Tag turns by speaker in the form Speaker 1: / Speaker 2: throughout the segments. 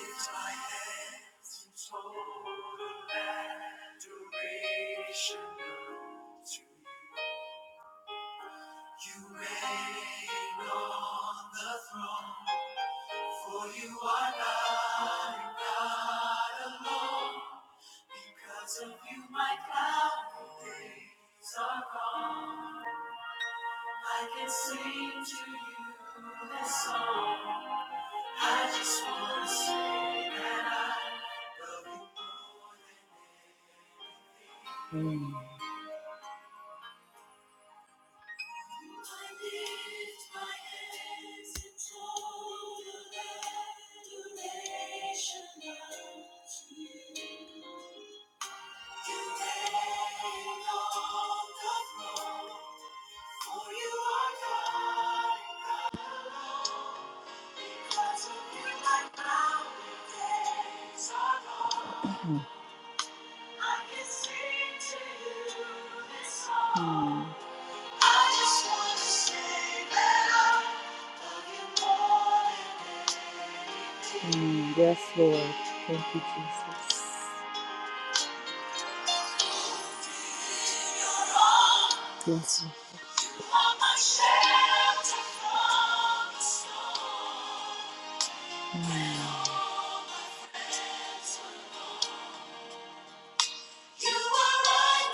Speaker 1: Lift my hands in total adoration unto you. You on the throne, for you are God and God alone. Because of you, my cloudy days are gone. I can sing to you this song. I just wanna say that I love you more. than. Mm. Mm, yes, Lord. Thank you, Jesus. Yes, Lord. Mm. right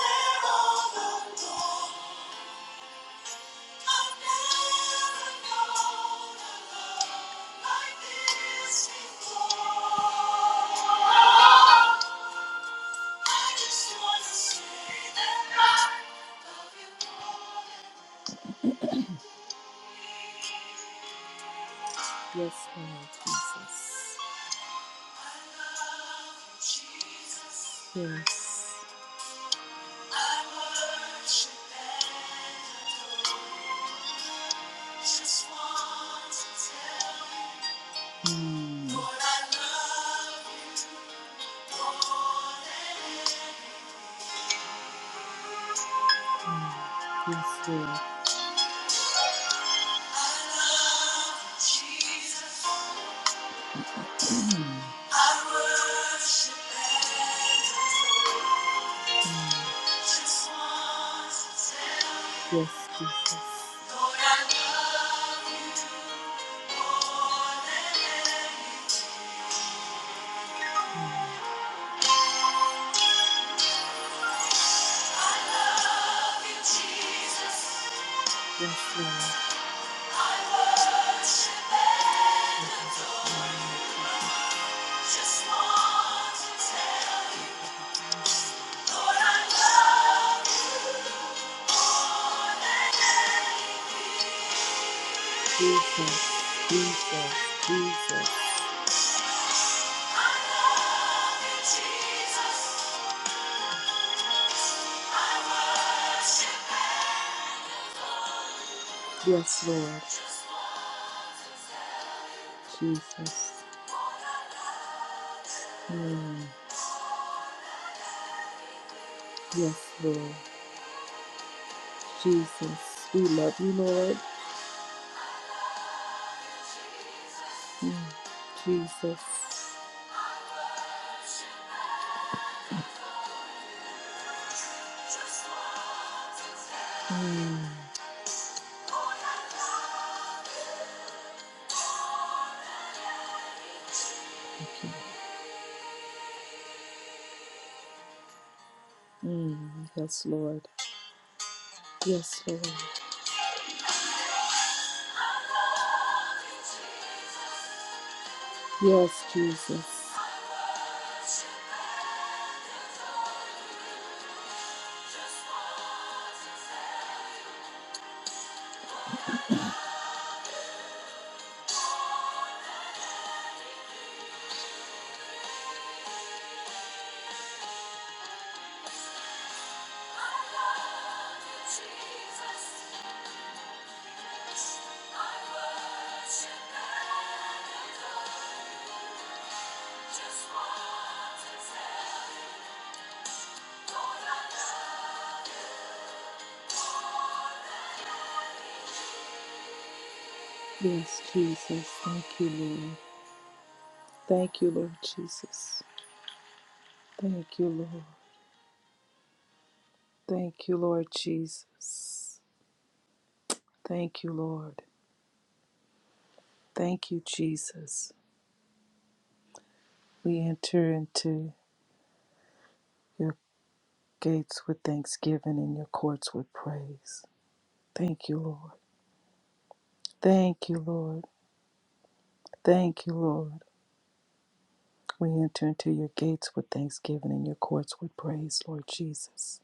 Speaker 1: Yes, Lord Jesus. Yes. Just want to tell you. Mm. Yes, Lord. Yes, Jesus. Yes, Lord. Just Lord, Jesus, Jesus, Jesus. Yes, Lord, Jesus. Mm. Yes, Lord, Jesus. We love you, Lord. Mm. Jesus. Mm. Lord, you. Mm. Yes, Lord. Yes, Lord. Yes, Jesus. Yes, Jesus. Thank you, Lord. Thank you, Lord Jesus. Thank you, Lord. Thank you, Lord Jesus. Thank you, Lord. Thank you, Jesus. We enter into your gates with thanksgiving and your courts with praise. Thank you, Lord. Thank you, Lord. Thank you, Lord. We enter into your gates with thanksgiving and your courts with praise, Lord Jesus.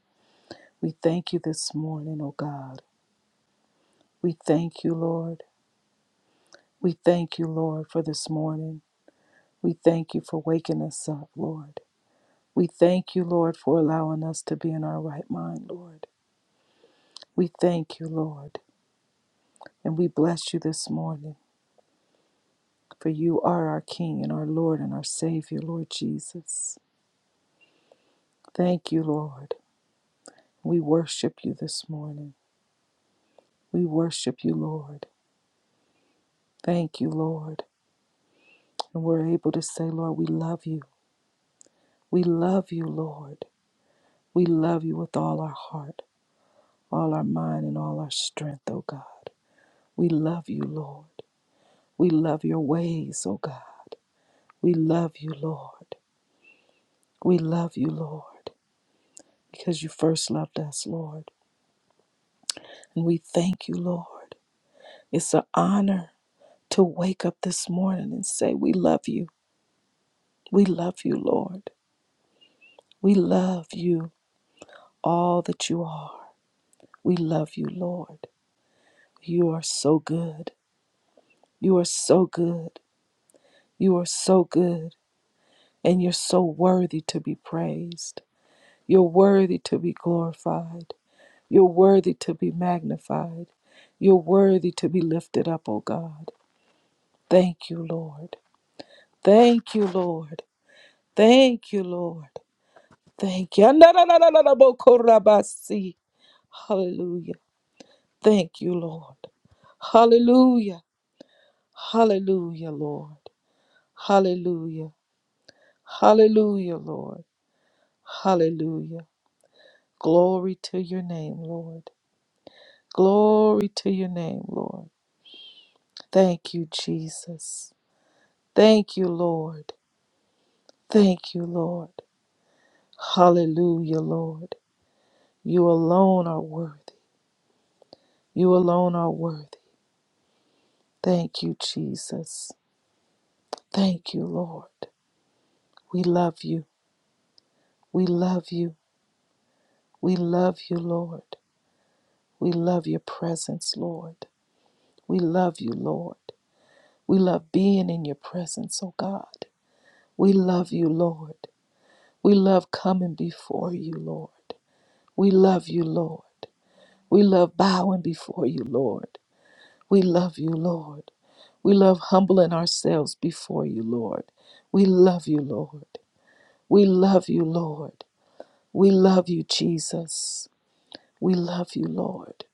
Speaker 1: We thank you this morning, O God. We thank you, Lord. We thank you, Lord, for this morning. We thank you for waking us up, Lord. We thank you, Lord, for allowing us to be in our right mind, Lord. We thank you, Lord. And we bless you this morning, for you are our King and our Lord and our Savior, Lord Jesus. Thank you, Lord. We worship you this morning. We worship you, Lord. Thank you, Lord. And we're able to say, Lord, we love you. We love you, Lord. We love you with all our heart, all our mind, and all our strength, O God. We love you, Lord. We love your ways, O God. We love you, Lord. We love you, Lord, because you first loved us, Lord. And we thank you, Lord. It's an honor to wake up this morning and say, We love you. We love you, Lord. We love you, all that you are. We love you, Lord. You are so good. You are so good. You are so good. And you're so worthy to be praised. You're worthy to be glorified. You're worthy to be magnified. You're worthy to be lifted up, O God. Thank you, Lord. Thank you, Lord. Thank you, Lord. Thank you. Na- Hallelujah. Thank you, Lord. Hallelujah. Hallelujah, Lord. Hallelujah. Hallelujah, Lord. Hallelujah. Glory to your name, Lord. Glory to your name, Lord. Thank you, Jesus. Thank you, Lord. Thank you, Lord. Hallelujah, Lord. You alone are worthy. You alone are worthy. Thank you, Jesus. Thank you, Lord. We love you. We love you. We love you, Lord. We love your presence, Lord. We love you, Lord. We love being in your presence, oh God. We love you, Lord. We love coming before you, Lord. We love you, Lord. We love bowing before you, Lord. We love you, Lord. We love humbling ourselves before you, Lord. We love you, Lord. We love you, Lord. We love you, Jesus. We love you, Lord.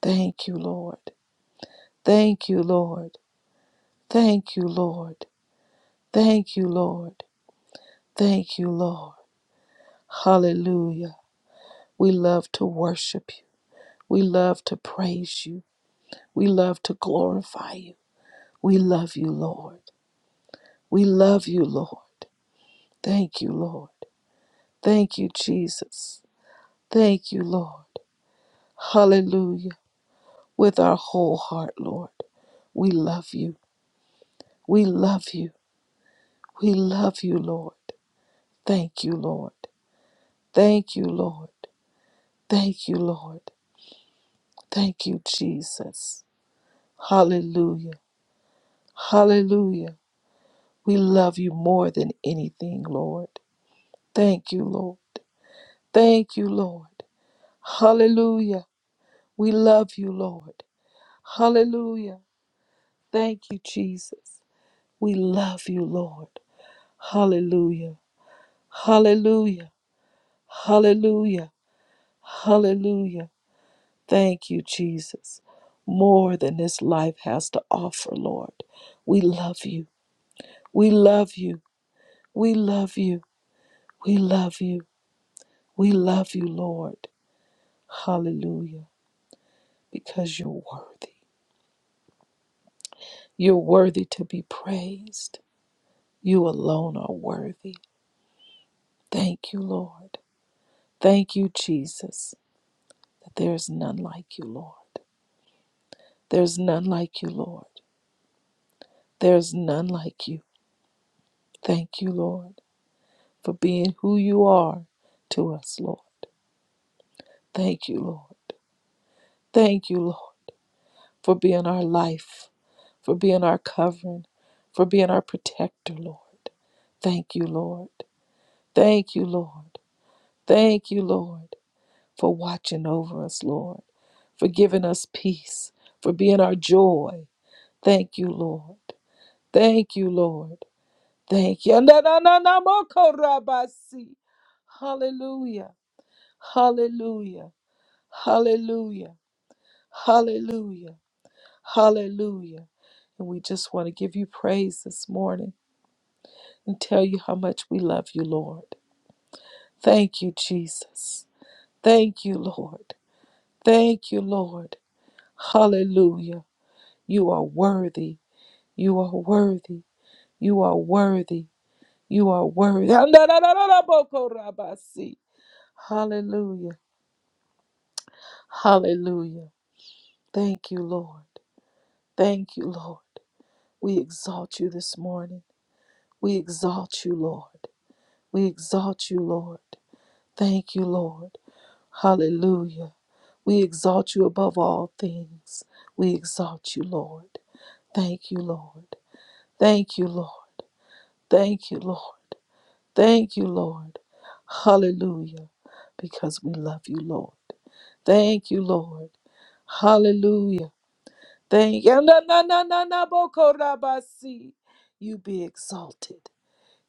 Speaker 1: Thank you, Lord. Thank you, Lord. Thank you, Lord. Thank you, Lord. Thank you, Lord. Hallelujah. We love to worship you. We love to praise you. We love to glorify you. We love you, Lord. We love you, Lord. Thank you, Lord. Thank you, Jesus. Thank you, Lord. Hallelujah. With our whole heart, Lord. We love you. We love you. We love you, Lord. Thank you, Lord. Thank you, Lord. Thank you, Lord. Thank you, Jesus. Hallelujah. Hallelujah. We love you more than anything, Lord. Thank you, Lord. Thank you, Lord. Hallelujah. We love you, Lord. Hallelujah. Thank you, Jesus. We love you, Lord. Hallelujah. Hallelujah. Hallelujah. Hallelujah. Thank you, Jesus. More than this life has to offer, Lord. We love you. We love you. We love you. We love you. We love you, Lord. Hallelujah. Because you're worthy. You're worthy to be praised. You alone are worthy. Thank you, Lord. Thank you, Jesus, that there is none like you, Lord. There's none like you, Lord. There's none like you. Thank you, Lord. for being who you are to us, Lord. Thank you, Lord. Thank you, Lord, for being our life, for being our covering, for being our protector, Lord. Thank you, Lord. Thank you, Lord. Thank you, Lord, for watching over us, Lord, for giving us peace, for being our joy. Thank you, Lord. Thank you, Lord. Thank you. Na- na- na- na- mo- ko- ra- ba- si. Hallelujah. Hallelujah. Hallelujah. Hallelujah. Hallelujah. And we just want to give you praise this morning and tell you how much we love you, Lord. Thank you, Jesus. Thank you, Lord. Thank you, Lord. Hallelujah. You are worthy. You are worthy. You are worthy. You are worthy. Hallelujah. Hallelujah. Thank you, Lord. Thank you, Lord. We exalt you this morning. We exalt you, Lord. We exalt you, Lord. Thank you, Lord. Hallelujah. We exalt you above all things. We exalt you, Lord. Thank you, Lord. Thank you, Lord. Thank you, Lord. Thank you, Lord. Hallelujah. Because we love you, Lord. Thank you, Lord. Hallelujah. Thank you. You be exalted.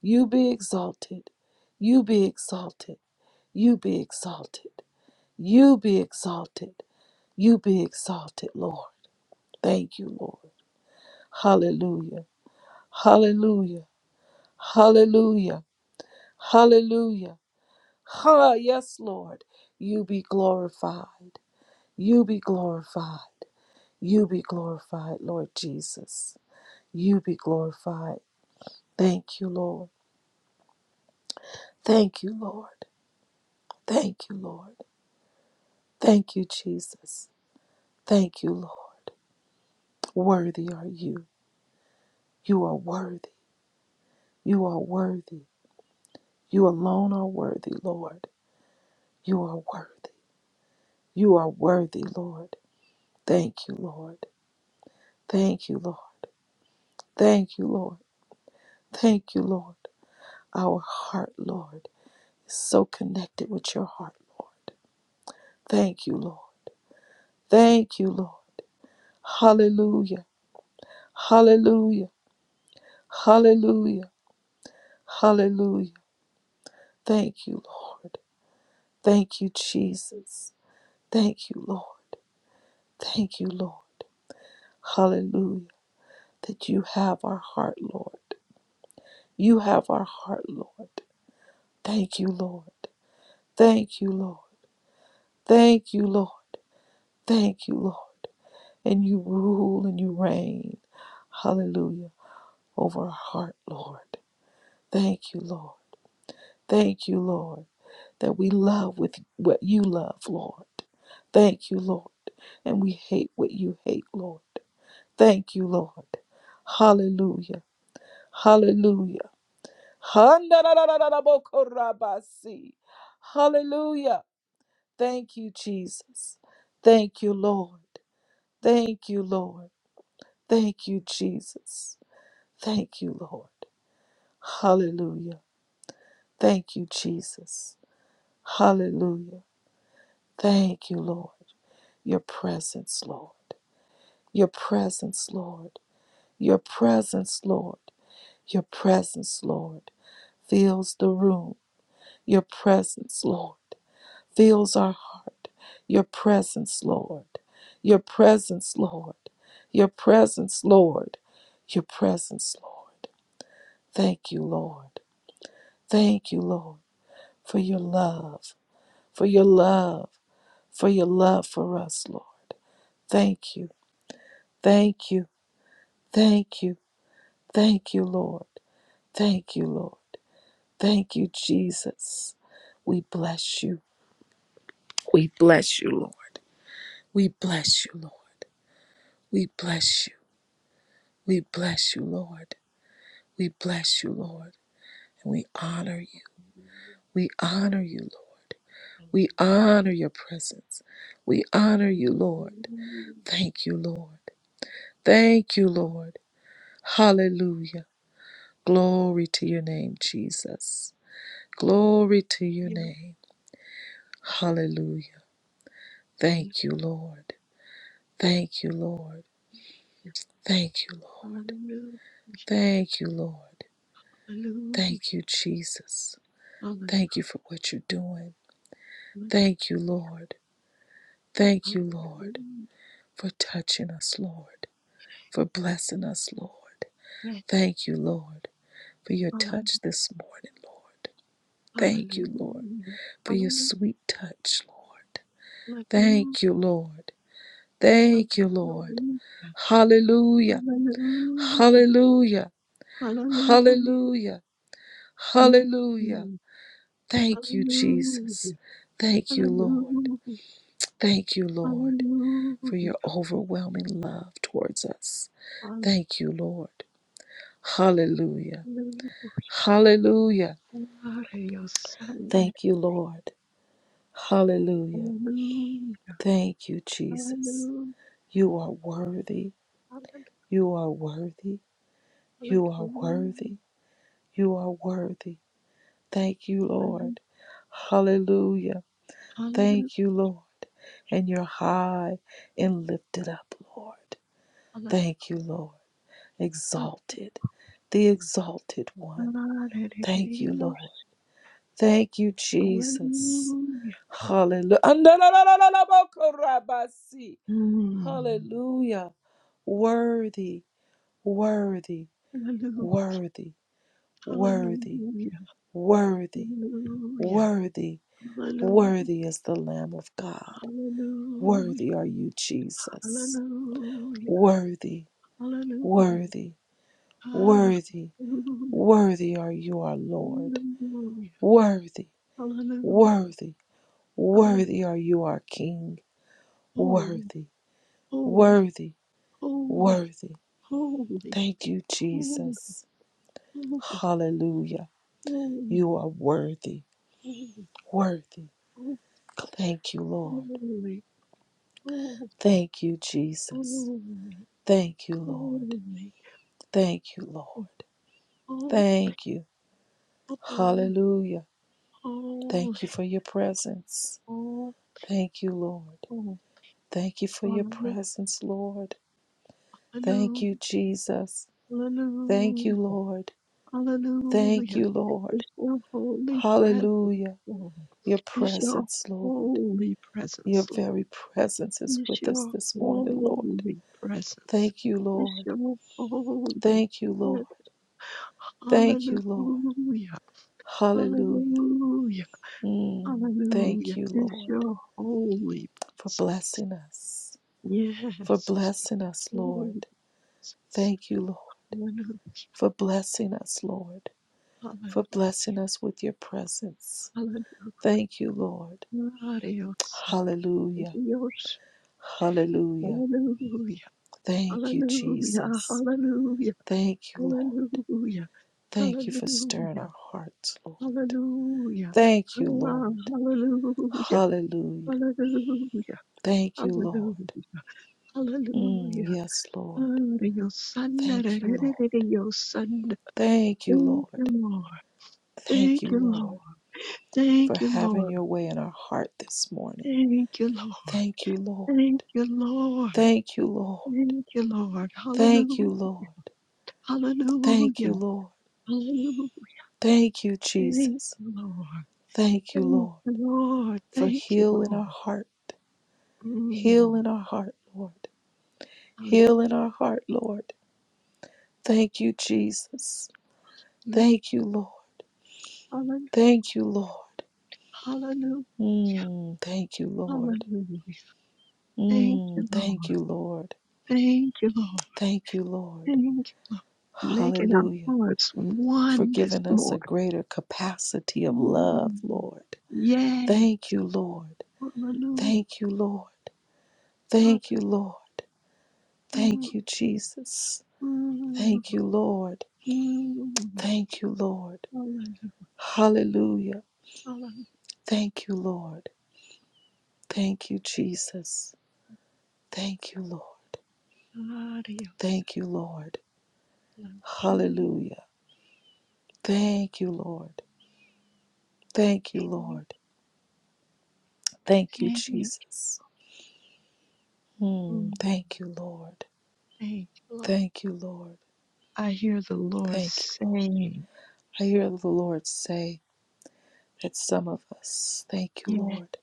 Speaker 1: You be exalted. You be exalted. You be exalted. You be exalted. You be exalted, Lord. Thank you, Lord. Hallelujah. Hallelujah. Hallelujah. Hallelujah. Ha, yes, Lord. You be glorified. You be glorified. You be glorified, Lord Jesus. You be glorified. Thank you, Lord. Thank you, Lord. Thank you, Lord. Thank you, Jesus. Thank you, Lord. Worthy are you. You are worthy. You are worthy. You alone are worthy, Lord. You are worthy. You are worthy, Lord. Thank you, Lord. Thank you, Lord. Thank you, Lord. Thank you, Lord. Our heart, Lord, is so connected with your heart, Lord. Thank you, Lord. Thank you, Lord. Hallelujah. Hallelujah. Hallelujah. Hallelujah. Thank you, Lord. Thank you, Jesus. Thank you, Lord. Thank you, Lord. Hallelujah. That you have our heart, Lord. You have our heart, Lord. Thank you, Lord. Thank you, Lord. Thank you, Lord. Thank you, Lord. And you rule and you reign. Hallelujah. Over our heart, Lord. Thank you, Lord. Thank you, Lord. That we love with what you love, Lord. Thank you, Lord. And we hate what you hate, Lord. Thank you, Lord. Hallelujah. Hallelujah. Handarabokorabasi. Hallelujah. Thank you, Jesus. Thank you, Lord. Thank you, Lord. Thank you, Jesus. Thank you, Lord. Hallelujah. Thank you, Jesus. Hallelujah. Thank you, Lord. Your presence, Lord. Your presence, Lord. Your presence, Lord. Your presence, Lord. Fills the room. Your presence, Lord. fills our heart. Your presence, Lord. Your presence, Lord. Your presence, Lord. Your presence, Lord. Thank you, Lord. Thank you, Lord, for your love, for your love, for your love for us, Lord. Thank you. Thank you. Thank you. Thank you, Lord. Thank you, Lord. Thank you, Jesus. We bless you. We bless you, Lord. We bless you, Lord. We bless you. We bless you, Lord. We bless you, Lord. And we honor you.
Speaker 2: Hallelujah,
Speaker 1: We honor you, Lord. We
Speaker 2: hallelujah,
Speaker 1: honor your presence. We honor you,
Speaker 2: hallelujah,
Speaker 1: Lord.
Speaker 2: hallelujah,
Speaker 1: Thank you, Lord. Thank you, Lord. Hallelujah. Glory to your name, Jesus. Glory to your name. Hallelujah.
Speaker 2: hallelujah,
Speaker 1: Thank you, Lord. Thank you, Lord.
Speaker 2: yes,
Speaker 1: Thank you, Lord.
Speaker 2: hallelujah,
Speaker 1: Thank you, Lord.
Speaker 2: hallelujah, hallelujah,
Speaker 1: Thank you, Jesus. Thank you for what you're doing. Thank you, Lord. Thank you, Lord, for touching us, Lord, for blessing us, Lord. Thank you, Lord, for your touch this morning, Lord. Thank you, Lord, for your sweet touch, Lord.
Speaker 2: hallelujah,
Speaker 1: Thank you, Lord.
Speaker 2: hallelujah.
Speaker 1: Thank
Speaker 2: hallelujah.
Speaker 1: you, Lord. Hallelujah. Hallelujah. Hallelujah.
Speaker 2: Mm,
Speaker 1: Hallelujah. Thank you, Jesus.
Speaker 2: Hallelujah,
Speaker 1: Thank you, Lord.
Speaker 2: hallelujah,
Speaker 1: Thank you, Lord. for
Speaker 2: hallelujah,
Speaker 1: your overwhelming love towards us.
Speaker 2: hallelujah.
Speaker 1: Thank you, Lord. Hallelujah. Hallelujah.
Speaker 2: Glory, your son,
Speaker 1: Thank you, Lord. Hallelujah.
Speaker 2: hallelujah,
Speaker 1: Thank you, Jesus.
Speaker 2: hallelujah.
Speaker 1: You are worthy.
Speaker 2: Holland,
Speaker 1: You are worthy.
Speaker 2: Holland,
Speaker 1: You are
Speaker 2: ooh,
Speaker 1: worthy. You are worthy. Thank you,
Speaker 2: Holland,
Speaker 1: Lord. Hallelujah.
Speaker 2: Holland,
Speaker 1: Thank you, Lord. And you're high and lifted up, Lord. Thank you, Lord. Exalted, the exalted one.
Speaker 2: Holland,
Speaker 1: Thank you, Lord. Thank you,
Speaker 2: Holland,
Speaker 1: Jesus.
Speaker 2: Hallelujah. hallelujah.
Speaker 1: Hallelujah. Andalalalalalabokorabasi.
Speaker 2: Mm.
Speaker 1: Hallelujah. Worthy, worthy,
Speaker 2: Hallelujah.
Speaker 1: worthy, worthy, worthy,
Speaker 2: Hallelujah.
Speaker 1: worthy, worthy is the Lamb of God.
Speaker 2: Hallelujah.
Speaker 1: Worthy are you,
Speaker 2: Hallelujah.
Speaker 1: Jesus.
Speaker 2: Hallelujah.
Speaker 1: Worthy,
Speaker 2: Hallelujah. Hallelujah.
Speaker 1: worthy,
Speaker 2: Ah,
Speaker 1: worthy,
Speaker 2: Hallelujah.
Speaker 1: worthy are you, our Lord.
Speaker 2: Hallelujah.
Speaker 1: Worthy,
Speaker 2: Hallelujah.
Speaker 1: worthy,
Speaker 2: Hallelujah.
Speaker 1: worthy are you, our King.
Speaker 2: Holy,
Speaker 1: Worthy,
Speaker 2: holy,
Speaker 1: worthy, worthy.
Speaker 2: holy,
Speaker 1: Thank you,
Speaker 2: holy, holy,
Speaker 1: Jesus. Hallelujah.
Speaker 2: holy,
Speaker 1: You are worthy,
Speaker 2: holy, holy,
Speaker 1: worthy.
Speaker 2: holy,
Speaker 1: Thank you,
Speaker 2: holy,
Speaker 1: Lord.
Speaker 2: holy,
Speaker 1: Thank you, Jesus.
Speaker 2: holy,
Speaker 1: Thank you, Lord.
Speaker 2: holy,
Speaker 1: Thank you, Lord.
Speaker 2: oh,
Speaker 1: Thank you.
Speaker 2: oh, oh,
Speaker 1: Hallelujah.
Speaker 2: oh,
Speaker 1: Thank you for your presence.
Speaker 2: oh,
Speaker 1: Thank you, Lord.
Speaker 2: oh,
Speaker 1: Thank you for your presence, Lord. Thank
Speaker 2: hallelujah,
Speaker 1: you, Jesus. Thank you,
Speaker 2: hallelujah,
Speaker 1: Lord. Thank
Speaker 2: hallelujah.
Speaker 1: you,
Speaker 2: Is
Speaker 1: Lord.
Speaker 2: your holy presence,
Speaker 1: Hallelujah.
Speaker 2: Lord.
Speaker 1: Your
Speaker 2: Is your
Speaker 1: presence, Lord.
Speaker 2: holy
Speaker 1: Your
Speaker 2: presence, Lord.
Speaker 1: very presence is
Speaker 2: Is
Speaker 1: with us
Speaker 2: your
Speaker 1: this morning, Lord.
Speaker 2: holy presence.
Speaker 1: Thank you,
Speaker 2: Is
Speaker 1: Lord.
Speaker 2: your holy
Speaker 1: Thank you, Lord.
Speaker 2: presence.
Speaker 1: Thank you, Lord.
Speaker 2: Hallelujah.
Speaker 1: Hallelujah.
Speaker 2: Hallelujah.
Speaker 1: Mm, thank
Speaker 2: Hallelujah.
Speaker 1: you,
Speaker 2: It's
Speaker 1: Lord,
Speaker 2: your holy
Speaker 1: for
Speaker 2: presence.
Speaker 1: blessing us.
Speaker 2: Yes,
Speaker 1: For
Speaker 2: it's your
Speaker 1: blessing us, Lord.
Speaker 2: holy presence.
Speaker 1: Thank you, Lord,
Speaker 2: Hallelujah.
Speaker 1: for blessing us, Lord. For
Speaker 2: Hallelujah.
Speaker 1: blessing us with your presence.
Speaker 2: Hallelujah.
Speaker 1: Thank you, Lord.
Speaker 2: Glorious and
Speaker 1: Hallelujah.
Speaker 2: Dios.
Speaker 1: Hallelujah.
Speaker 2: Hallelujah.
Speaker 1: Thank you,
Speaker 2: Hallelujah.
Speaker 1: Jesus.
Speaker 2: Hallelujah.
Speaker 1: Thank you, Lord.
Speaker 2: Hallelujah.
Speaker 1: Thank you for stirring
Speaker 2: Hallelujah.
Speaker 1: our hearts, Lord.
Speaker 2: Hallelujah.
Speaker 1: Thank you,
Speaker 2: Ah,
Speaker 1: Lord.
Speaker 2: Hallelujah.
Speaker 1: Hallelujah.
Speaker 2: Hallelujah.
Speaker 1: Thank you, Lord.
Speaker 2: Hallelujah.
Speaker 1: Mm, yes, Lord.
Speaker 2: Hallelujah.
Speaker 1: Thank you, Lord.
Speaker 2: Hallelujah.
Speaker 1: Thank you,
Speaker 2: Thank you,
Speaker 1: Lord.
Speaker 2: Lord.
Speaker 1: Thank
Speaker 2: Thank
Speaker 1: you,
Speaker 2: you, Lord.
Speaker 1: Lord, for
Speaker 2: Thank you,
Speaker 1: having
Speaker 2: Lord.
Speaker 1: your way in our heart this morning.
Speaker 2: Thank you, Lord.
Speaker 1: Thank you, Lord.
Speaker 2: Thank you, Lord.
Speaker 1: Thank you, Lord.
Speaker 2: Thank you, Lord.
Speaker 1: Thank you,
Speaker 2: Hallelujah.
Speaker 1: Lord. Thank you,
Speaker 2: Hallelujah.
Speaker 1: Lord.
Speaker 2: Hallelujah.
Speaker 1: Thank you,
Speaker 2: Thank you,
Speaker 1: Jesus.
Speaker 2: Lord.
Speaker 1: Thank you,
Speaker 2: Thank
Speaker 1: Lord,
Speaker 2: you, Lord.
Speaker 1: for
Speaker 2: Thank you,
Speaker 1: healing
Speaker 2: Lord.
Speaker 1: our heart.
Speaker 2: Mm.
Speaker 1: Heal in our heart, Lord. Heal in our heart, Lord. Thank you, Jesus.
Speaker 2: Hallelujah.
Speaker 1: Thank you, Lord.
Speaker 2: Hallelujah.
Speaker 1: Thank you, Lord.
Speaker 2: Hallelujah.
Speaker 1: Mm, thank you, Lord.
Speaker 2: Hallelujah. Thank
Speaker 1: Mm,
Speaker 2: you,
Speaker 1: thank
Speaker 2: Lord.
Speaker 1: you, Lord.
Speaker 2: Thank you, Lord.
Speaker 1: Thank you, Lord.
Speaker 2: Thank you for making our
Speaker 1: Hallelujah.
Speaker 2: hearts
Speaker 1: For
Speaker 2: one this
Speaker 1: giving us a
Speaker 2: morning.
Speaker 1: greater capacity of love,
Speaker 2: Mm.
Speaker 1: Lord.
Speaker 2: Yeah.
Speaker 1: Thank you, Lord.
Speaker 2: Hallelujah.
Speaker 1: Thank you, Lord. Thank you, Lord.
Speaker 2: Mm,
Speaker 1: Thank you, Jesus.
Speaker 2: mm,
Speaker 1: Thank you, Lord.
Speaker 2: mm.
Speaker 1: Thank you, Lord.
Speaker 2: Alan,
Speaker 1: Hallelujah.
Speaker 2: Alan,
Speaker 1: Thank you, Lord. Thank you, Jesus. Thank you, Lord.
Speaker 2: Adios,
Speaker 1: Thank you, Lord.
Speaker 2: Alan. Mm,
Speaker 1: Hallelujah. Thank you, Lord. Thank you,
Speaker 2: Amen,
Speaker 1: Lord. Thank you,
Speaker 2: amen.
Speaker 1: Jesus. Mm,
Speaker 2: Mm,
Speaker 1: thank you, Lord.
Speaker 2: Thank you, Lord.
Speaker 1: Thank you, Lord.
Speaker 2: I hear the Lord
Speaker 1: Thank you.
Speaker 2: saying,
Speaker 1: I hear the Lord say that some of us, thank you,
Speaker 2: Yeah,
Speaker 1: Lord,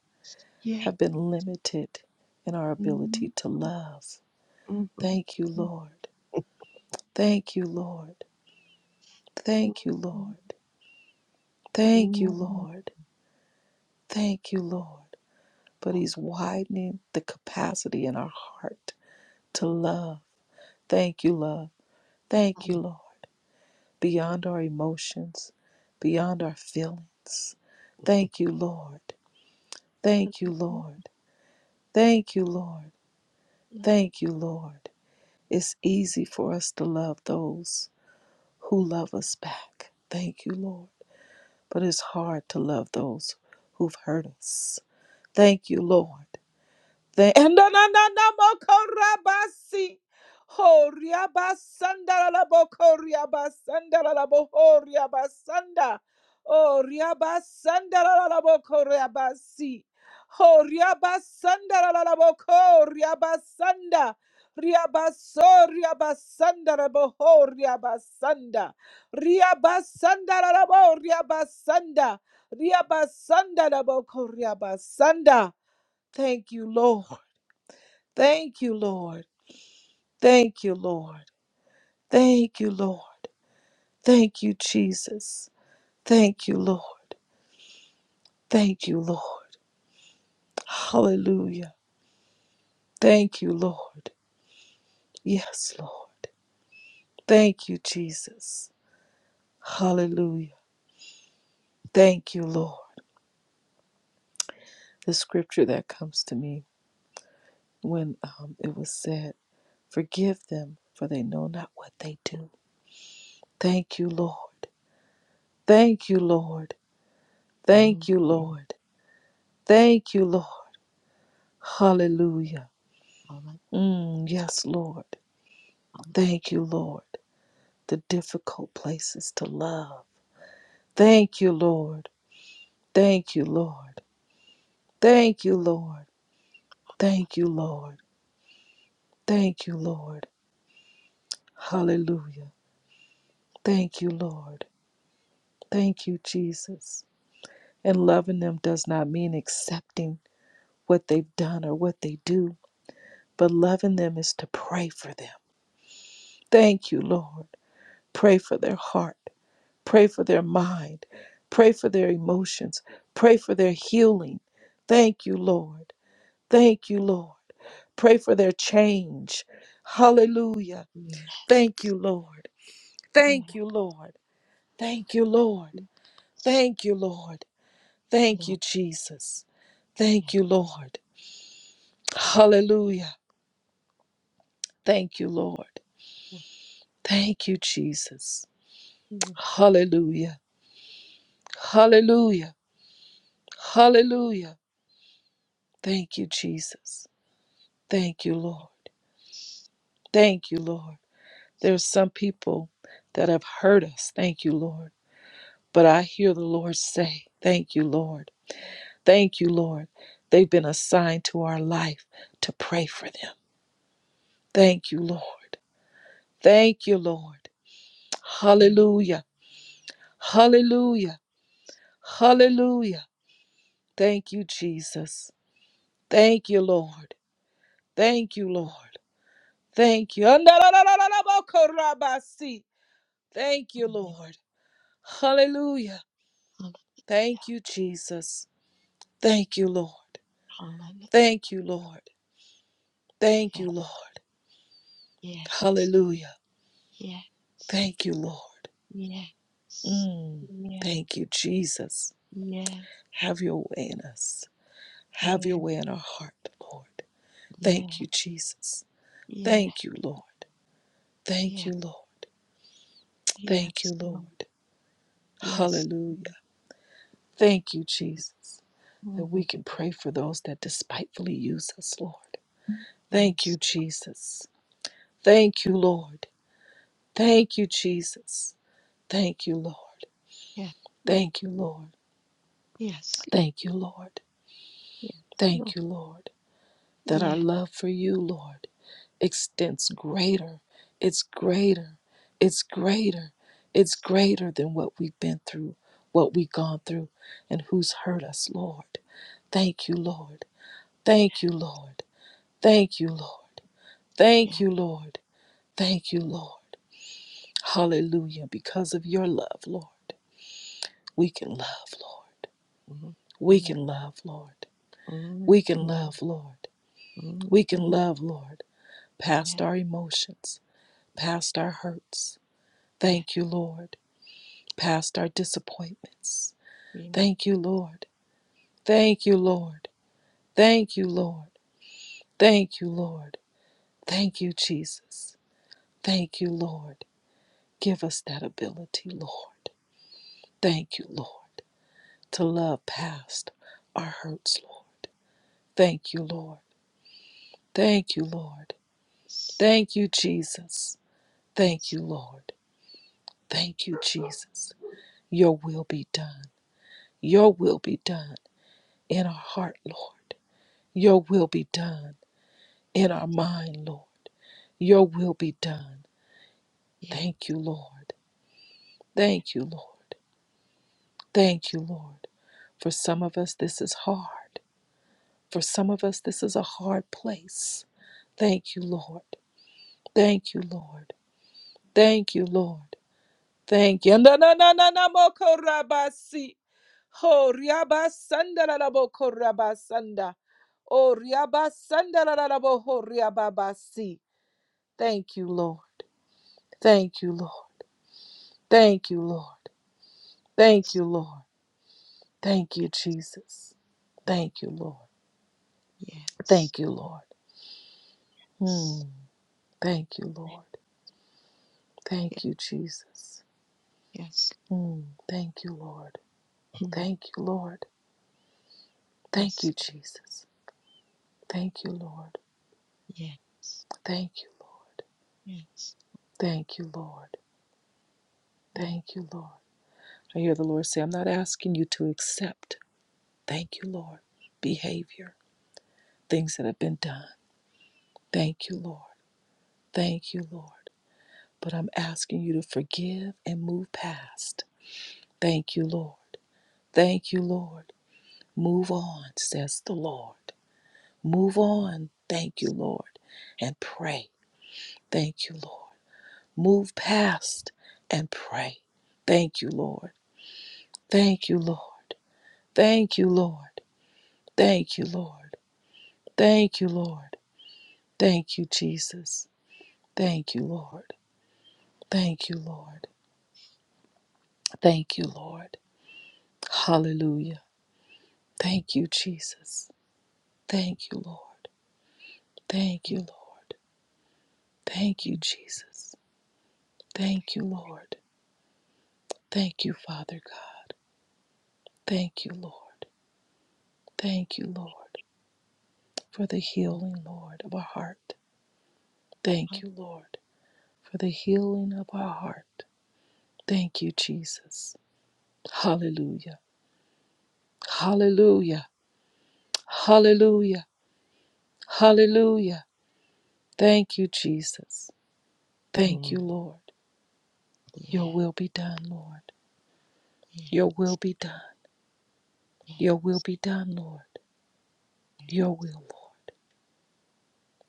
Speaker 2: yeah.
Speaker 1: have been limited in our
Speaker 2: mm,
Speaker 1: ability to
Speaker 2: mm,
Speaker 1: love.
Speaker 2: mm,
Speaker 1: Thank you, Lord. Thank you, Lord.
Speaker 2: mm,
Speaker 1: Thank you, Lord.
Speaker 2: mm,
Speaker 1: Thank you,
Speaker 2: mm.
Speaker 1: Lord. Thank you, Lord. But
Speaker 2: Oh,
Speaker 1: He's widening the capacity in our heart to love. Thank you, love. Thank you,
Speaker 2: hallelujah.
Speaker 1: Lord. beyond our emotions, beyond our feelings. Thank you, Lord. Thank you, Lord. Thank you, Lord. Thank you, Lord. It's easy for us to love those who love us back. Thank you, Lord. But it's hard to love those who've hurt us. Thank you, Lord. The and na- na- na- na- mo- ko- si. la la bo- ko- la la bo- ho- Oh, ria- la la la bo- si. la la la bo- ko- so- la bo- ho- la la bo- ria- ba- sanda. Ria- la bo- Thank you, Lord. Thank you, Lord. Thank you, Lord. Thank you, Lord. Thank you, Jesus. Thank you, Lord. Thank you, Lord. Hallelujah. Thank you, Lord. Yes, Lord. Thank you, Jesus. Hallelujah. Thank you, Lord. The scripture that comes to me when um, it was said, Forgive them, for they know not what they do. Thank you, Lord. Thank you, Lord.
Speaker 2: Oh,
Speaker 1: Thank you,
Speaker 2: mm,
Speaker 1: Lord. Thank you, Lord. Hallelujah.
Speaker 2: hallelujah,
Speaker 1: Mm, yes, Lord. Thank you, Lord. The difficult places to love. Thank you, Lord. Thank you, Lord. Thank you, Lord. Thank you, Lord. Thank you, Lord. Hallelujah. Thank you, Lord. Thank you, Jesus. And loving them does not mean accepting what they've done or what they do, but loving them is to pray for them. Thank you, Lord. Pray for their heart. Pray for their mind. Pray for their emotions. Pray for their healing. Thank you, Lord. Thank you, Lord. Pray for their change. Hallelujah. Thank you, Lord. Thank
Speaker 2: hallelujah.
Speaker 1: you, Lord. Thank you, Lord. Thank you, Lord.
Speaker 2: Yeah,
Speaker 1: Thank
Speaker 2: yeah,
Speaker 1: you, Jesus.
Speaker 2: yeah,
Speaker 1: Thank you, Lord. Hallelujah. Thank you, Lord.
Speaker 2: yeah,
Speaker 1: Thank you, Jesus.
Speaker 2: yeah,
Speaker 1: Hallelujah. Hallelujah. Hallelujah. Thank you, Jesus. Thank you, Lord. Thank you, Lord. There's some people that have hurt us. Thank you, Lord. But I hear the Lord say, Thank you, Lord. Thank you, Lord. They've been assigned to our life to pray for them. Thank you, Lord. Thank you, Lord.
Speaker 2: yeah.
Speaker 1: Hallelujah. Hallelujah. Hallelujah. Thank you, Jesus. Thank you, Lord. Thank you, Lord. Thank you. Thank you,
Speaker 2: mm,
Speaker 1: Lord. Hallelujah.
Speaker 2: hallelujah,
Speaker 1: Thank you, Jesus. Thank you, Lord.
Speaker 2: hallelujah.
Speaker 1: Thank you, Lord. Thank
Speaker 2: Yeah,
Speaker 1: you, Lord.
Speaker 2: yeah,
Speaker 1: Hallelujah.
Speaker 2: yeah.
Speaker 1: Thank you, Lord.
Speaker 2: Yes.
Speaker 1: Mm.
Speaker 2: Yeah.
Speaker 1: Thank you, Jesus.
Speaker 2: Yeah.
Speaker 1: Have your way in us. Have your
Speaker 2: Yeah.
Speaker 1: way in our heart, Lord.
Speaker 2: Yeah.
Speaker 1: Thank you, Jesus.
Speaker 2: Yeah.
Speaker 1: Thank you, Lord. Thank
Speaker 2: Yeah.
Speaker 1: you, Lord. Thank you,
Speaker 2: Yes.
Speaker 1: Lord.
Speaker 2: Lord. Yes.
Speaker 1: Hallelujah. Thank you, Jesus, that we
Speaker 2: Mhm.
Speaker 1: can pray for those that despitefully use us, Lord. Thank you,
Speaker 2: Yes.
Speaker 1: Jesus. Thank you, Lord. Thank you, Jesus. Thank you, Lord.
Speaker 2: Yeah. Lord.
Speaker 1: Thank you, Lord.
Speaker 2: Yes.
Speaker 1: Thank you, Lord.
Speaker 2: Yes.
Speaker 1: Thank
Speaker 2: Lord.
Speaker 1: you, Lord, that our
Speaker 2: Yes.
Speaker 1: love for you, Lord, extends greater. It's greater. It's greater. It's greater than what we've been through, what we've gone through, and who's hurt us, Lord. Thank you, Lord. Thank you, Lord. Thank you, Lord. Thank
Speaker 2: Yeah.
Speaker 1: you, Lord. Thank you, Lord. Hallelujah. Because of your love, Lord, we can love, Lord.
Speaker 2: Mhm.
Speaker 1: We
Speaker 2: Mhm.
Speaker 1: can love, Lord.
Speaker 2: Mhm.
Speaker 1: We can
Speaker 2: Mhm.
Speaker 1: love, Lord.
Speaker 2: Mhm.
Speaker 1: We can
Speaker 2: Mhm.
Speaker 1: love, Lord,
Speaker 2: Yeah.
Speaker 1: past our emotions, past our hurts.
Speaker 2: Yeah.
Speaker 1: Thank you, Lord, past our disappointments. Thank you, Lord. Thank you, Lord. Thank you, Lord. Thank you, Lord. Thank you, Jesus. Thank you, Lord. Give us that ability, Lord. Thank you, Lord, to love past our hurts, Lord. Thank you, Lord. Thank you, Lord.
Speaker 2: Yes.
Speaker 1: Thank you, Jesus. Thank
Speaker 2: Yes.
Speaker 1: you, Lord. Thank you, Jesus. Your will be done. Your will be done in our heart, Lord. Your will be done in our
Speaker 2: Yes.
Speaker 1: mind, Lord. Your will be done.
Speaker 2: Yeah.
Speaker 1: Thank you, Lord. Thank you, Lord. Thank you, Lord. For some of us, this is hard. For some of us, this is a hard place. Thank you, Lord. Thank you, Lord. Thank you, Lord. Thank you. Ho riaba sanda la la bo ko riaba sanda. O riaba sanda la la la bo ho riaba ba si. Thank you, Lord. Thank you, Lord. Thank you, Lord. Thank you, Lord. Thank you, Jesus. Thank you, Lord.
Speaker 2: Yes.
Speaker 1: Thank you, Lord.
Speaker 2: S-
Speaker 1: Hmm. Thank you,
Speaker 2: Yeah.
Speaker 1: Lord.
Speaker 2: Yeah.
Speaker 1: Thank you, Jesus.
Speaker 2: Yes.
Speaker 1: Hmm. Thank you, Lord.
Speaker 2: Mhm.
Speaker 1: Thank you, Lord. Thank
Speaker 2: Yes.
Speaker 1: you, Jesus. Thank you, Lord.
Speaker 2: Yes.
Speaker 1: Thank you, Lord.
Speaker 2: Yes.
Speaker 1: Thank you, Lord.
Speaker 2: Yes.
Speaker 1: Thank you, Lord. I hear the Lord say, I'm not asking you to accept, thank you, Lord, behavior, things that have been done. Thank you, Lord. Thank you, Lord. But I'm asking you to forgive and move past. Thank you, Lord. Thank you, Lord. Move on, says the Lord. Move on, thank you, Lord, and pray. Thank you, Lord. Move past and pray. Thank you, Lord. Thank you, Lord. Thank you, Lord. Thank you, Lord. Thank you, Lord. Thank you, Jesus. Thank you, Lord. Thank you, Lord. Thank you, Lord. Hallelujah. Thank you, Jesus. Thank you, Lord. Thank you, Lord. Thank you,
Speaker 2: And
Speaker 1: Jesus. Thank you, Lord. Thank you, Father God. Thank you, Lord. Thank you, Lord, for the healing, Lord, of our heart. Thank
Speaker 2: thank
Speaker 1: you, Lord, for the healing of our heart. Thank you, Jesus. Hallelujah. Hallelujah. Hallelujah. Hallelujah. Thank you, Jesus. Thank you,
Speaker 2: you.
Speaker 1: Lord.
Speaker 2: Yeah,
Speaker 1: Your will be done, Lord.
Speaker 2: yeah,
Speaker 1: Your will be done.
Speaker 2: yeah,
Speaker 1: Your will be done, Lord. Your will, Lord.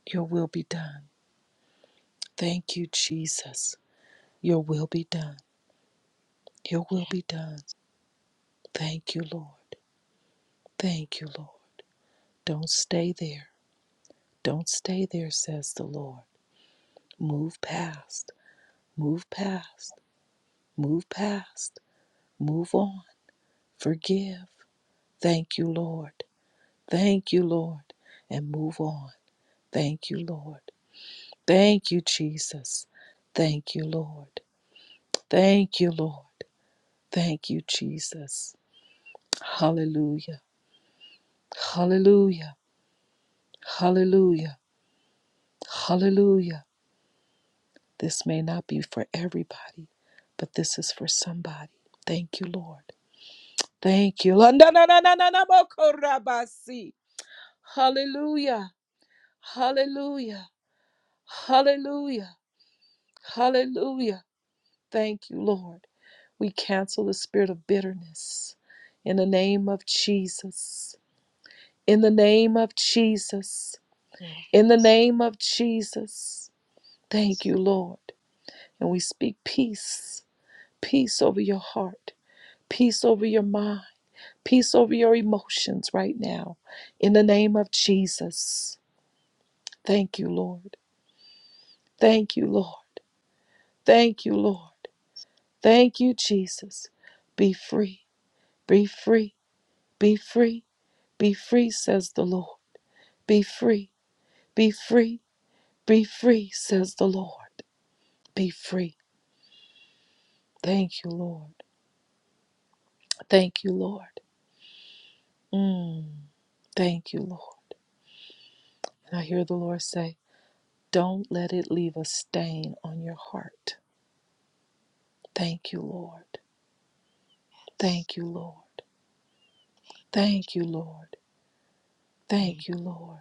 Speaker 1: Your will be done. Thank you, Jesus. Your will be done. Your will be done. Thank you, Lord. Thank you, Lord. Don't stay there. Don't stay there, says the Lord. Move past. Move past. Move past. Move on. Forgive. Thank you, Lord. Thank you, Lord. And move on. Thank you, Lord. Thank you, Jesus. Thank you, Lord. Thank you, Lord. Thank you, Jesus. Hallelujah. Hallelujah. Hallelujah. Hallelujah. This may not be for everybody, but this is for somebody. Thank you, Lord. Thank you. La- na- na- na- na- na- na- mo- ko- si. Hallelujah. Hallelujah. Hallelujah. Hallelujah. Thank you, Lord. We cancel the spirit of bitterness in the name of Jesus. In the name of Jesus.
Speaker 2: yeah,
Speaker 1: In the name of Jesus. Thank you, Lord. And we speak peace, peace over your heart, peace over your mind, peace over your emotions right now. In the name of Jesus. Thank you, Lord. Thank you, Lord. Thank you, Lord. Thank you, Jesus. Be free. Be free. Be free Be free, says the Lord. Be free. Be free. Be free, says the Lord. Be free. Thank you, Lord. Thank you, Lord. Mm, thank you, Lord. And I hear the Lord say, Don't let it leave a stain on your heart. Thank you, Lord.
Speaker 2: yes.
Speaker 1: Thank you, Lord. Thank you, Lord. Thank
Speaker 2: Thank,
Speaker 1: you, Lord.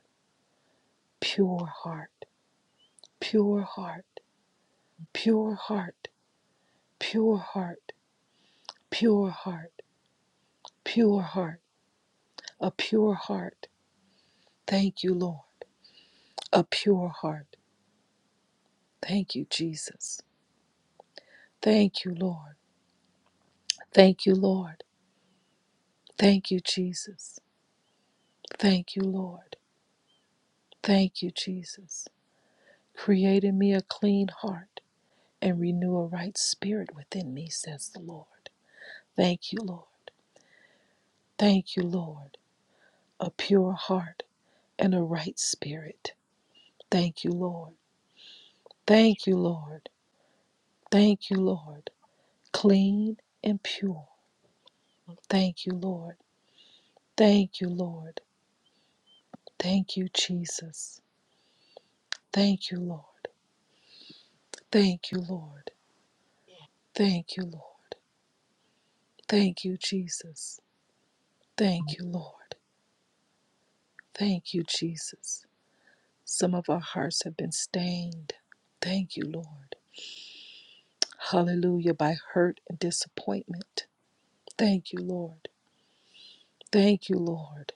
Speaker 1: Pure heart. Pure heart. Pure heart. Pure heart. Pure heart. Pure heart. A pure heart. Thank you, Lord. a pure heart. Thank you, Jesus. Thank you, Lord. Thank you, Lord. Thank you, Jesus. Thank you, Lord. Thank you, Jesus. Create in me a clean heart and renew a right spirit within me, says the Lord. Thank you, Lord. Thank you, Lord. A pure heart and a right spirit. Thank you, Lord. Thank you, Lord. Thank you, Lord. Clean and pure. Thank you, Lord. Thank you, Lord. Thank you, Jesus. Thank you, Lord. Thank you, Lord.
Speaker 2: yeah,
Speaker 1: Thank you, Lord. Thank you, Jesus. Thank you, Lord. Thank you, Jesus. Some of our hearts have been stained. Thank you, Lord. Hallelujah, by hurt and disappointment. Thank you, Lord. Thank you, Lord.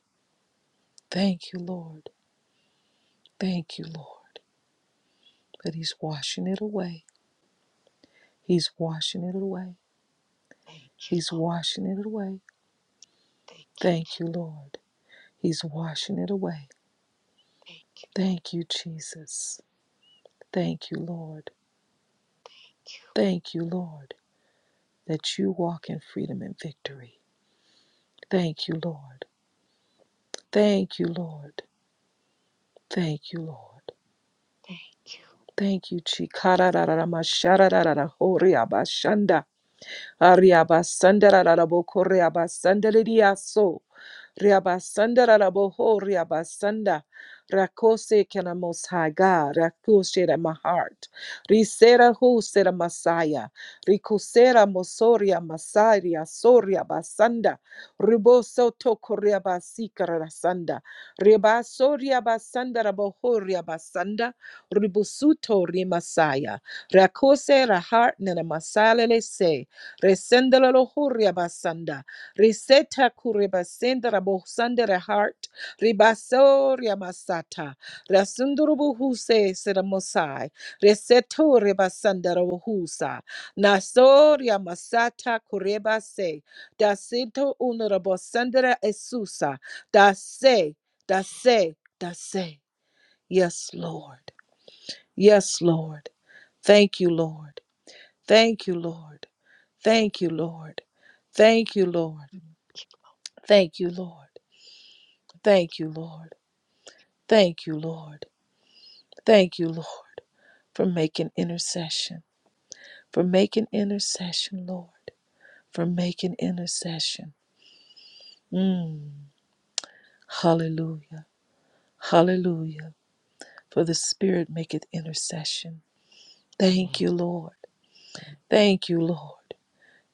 Speaker 1: Thank you, Lord. Thank you, Lord. But He's washing it away. He's washing it away.
Speaker 2: thank you,
Speaker 1: He's washing it away.
Speaker 2: thank you,
Speaker 1: Thank you, Lord. He's washing it away.
Speaker 2: thank you,
Speaker 1: Thank you, Jesus. Thank you, Lord. Thank you, Lord, that you walk in freedom and victory. Thank you, Lord. Thank you, Lord. Thank you, Lord.
Speaker 2: thank you.
Speaker 1: Thank you, Chi. Kararararamasharararahoriabashanda. Ariabasandara rabo koreabasandalidia so, Ariabasandarabo koreabasandariaso. ho, riabasanda. Rakose kena most high God. Rakose that my heart. Risera hu sera Messiah. Ricosera mosoria Masaria soria basanda. Riboso to koreabasikara sanda. Ribasoria basanda rabo ho, basanda. Ribusuto rimasaya. Rakose ra heart nena masalele se. Resendela lo huria basanda. Riseta kure basenda rabo sande re heart. Ribasoria masata. Rasundurubu huse seramosai. Reseto rebasanda rabo husa. Nasoria masata kureba se. Da sento unurabo sandera esusa. Da se. Da se. Da se. Yes, Lord. Yes, Lord. Thank you, Lord. Thank you, Lord. Thank you, Lord. Thank you, Lord. Thank you, Lord. Thank you, Lord. Thank you, Lord. Thank you, Lord, for making intercession. For making intercession, Lord. For making intercession. Mm. Hallelujah. Hallelujah. For the Spirit maketh intercession. Thank
Speaker 2: Yeah.
Speaker 1: you, Lord. Thank you, Lord.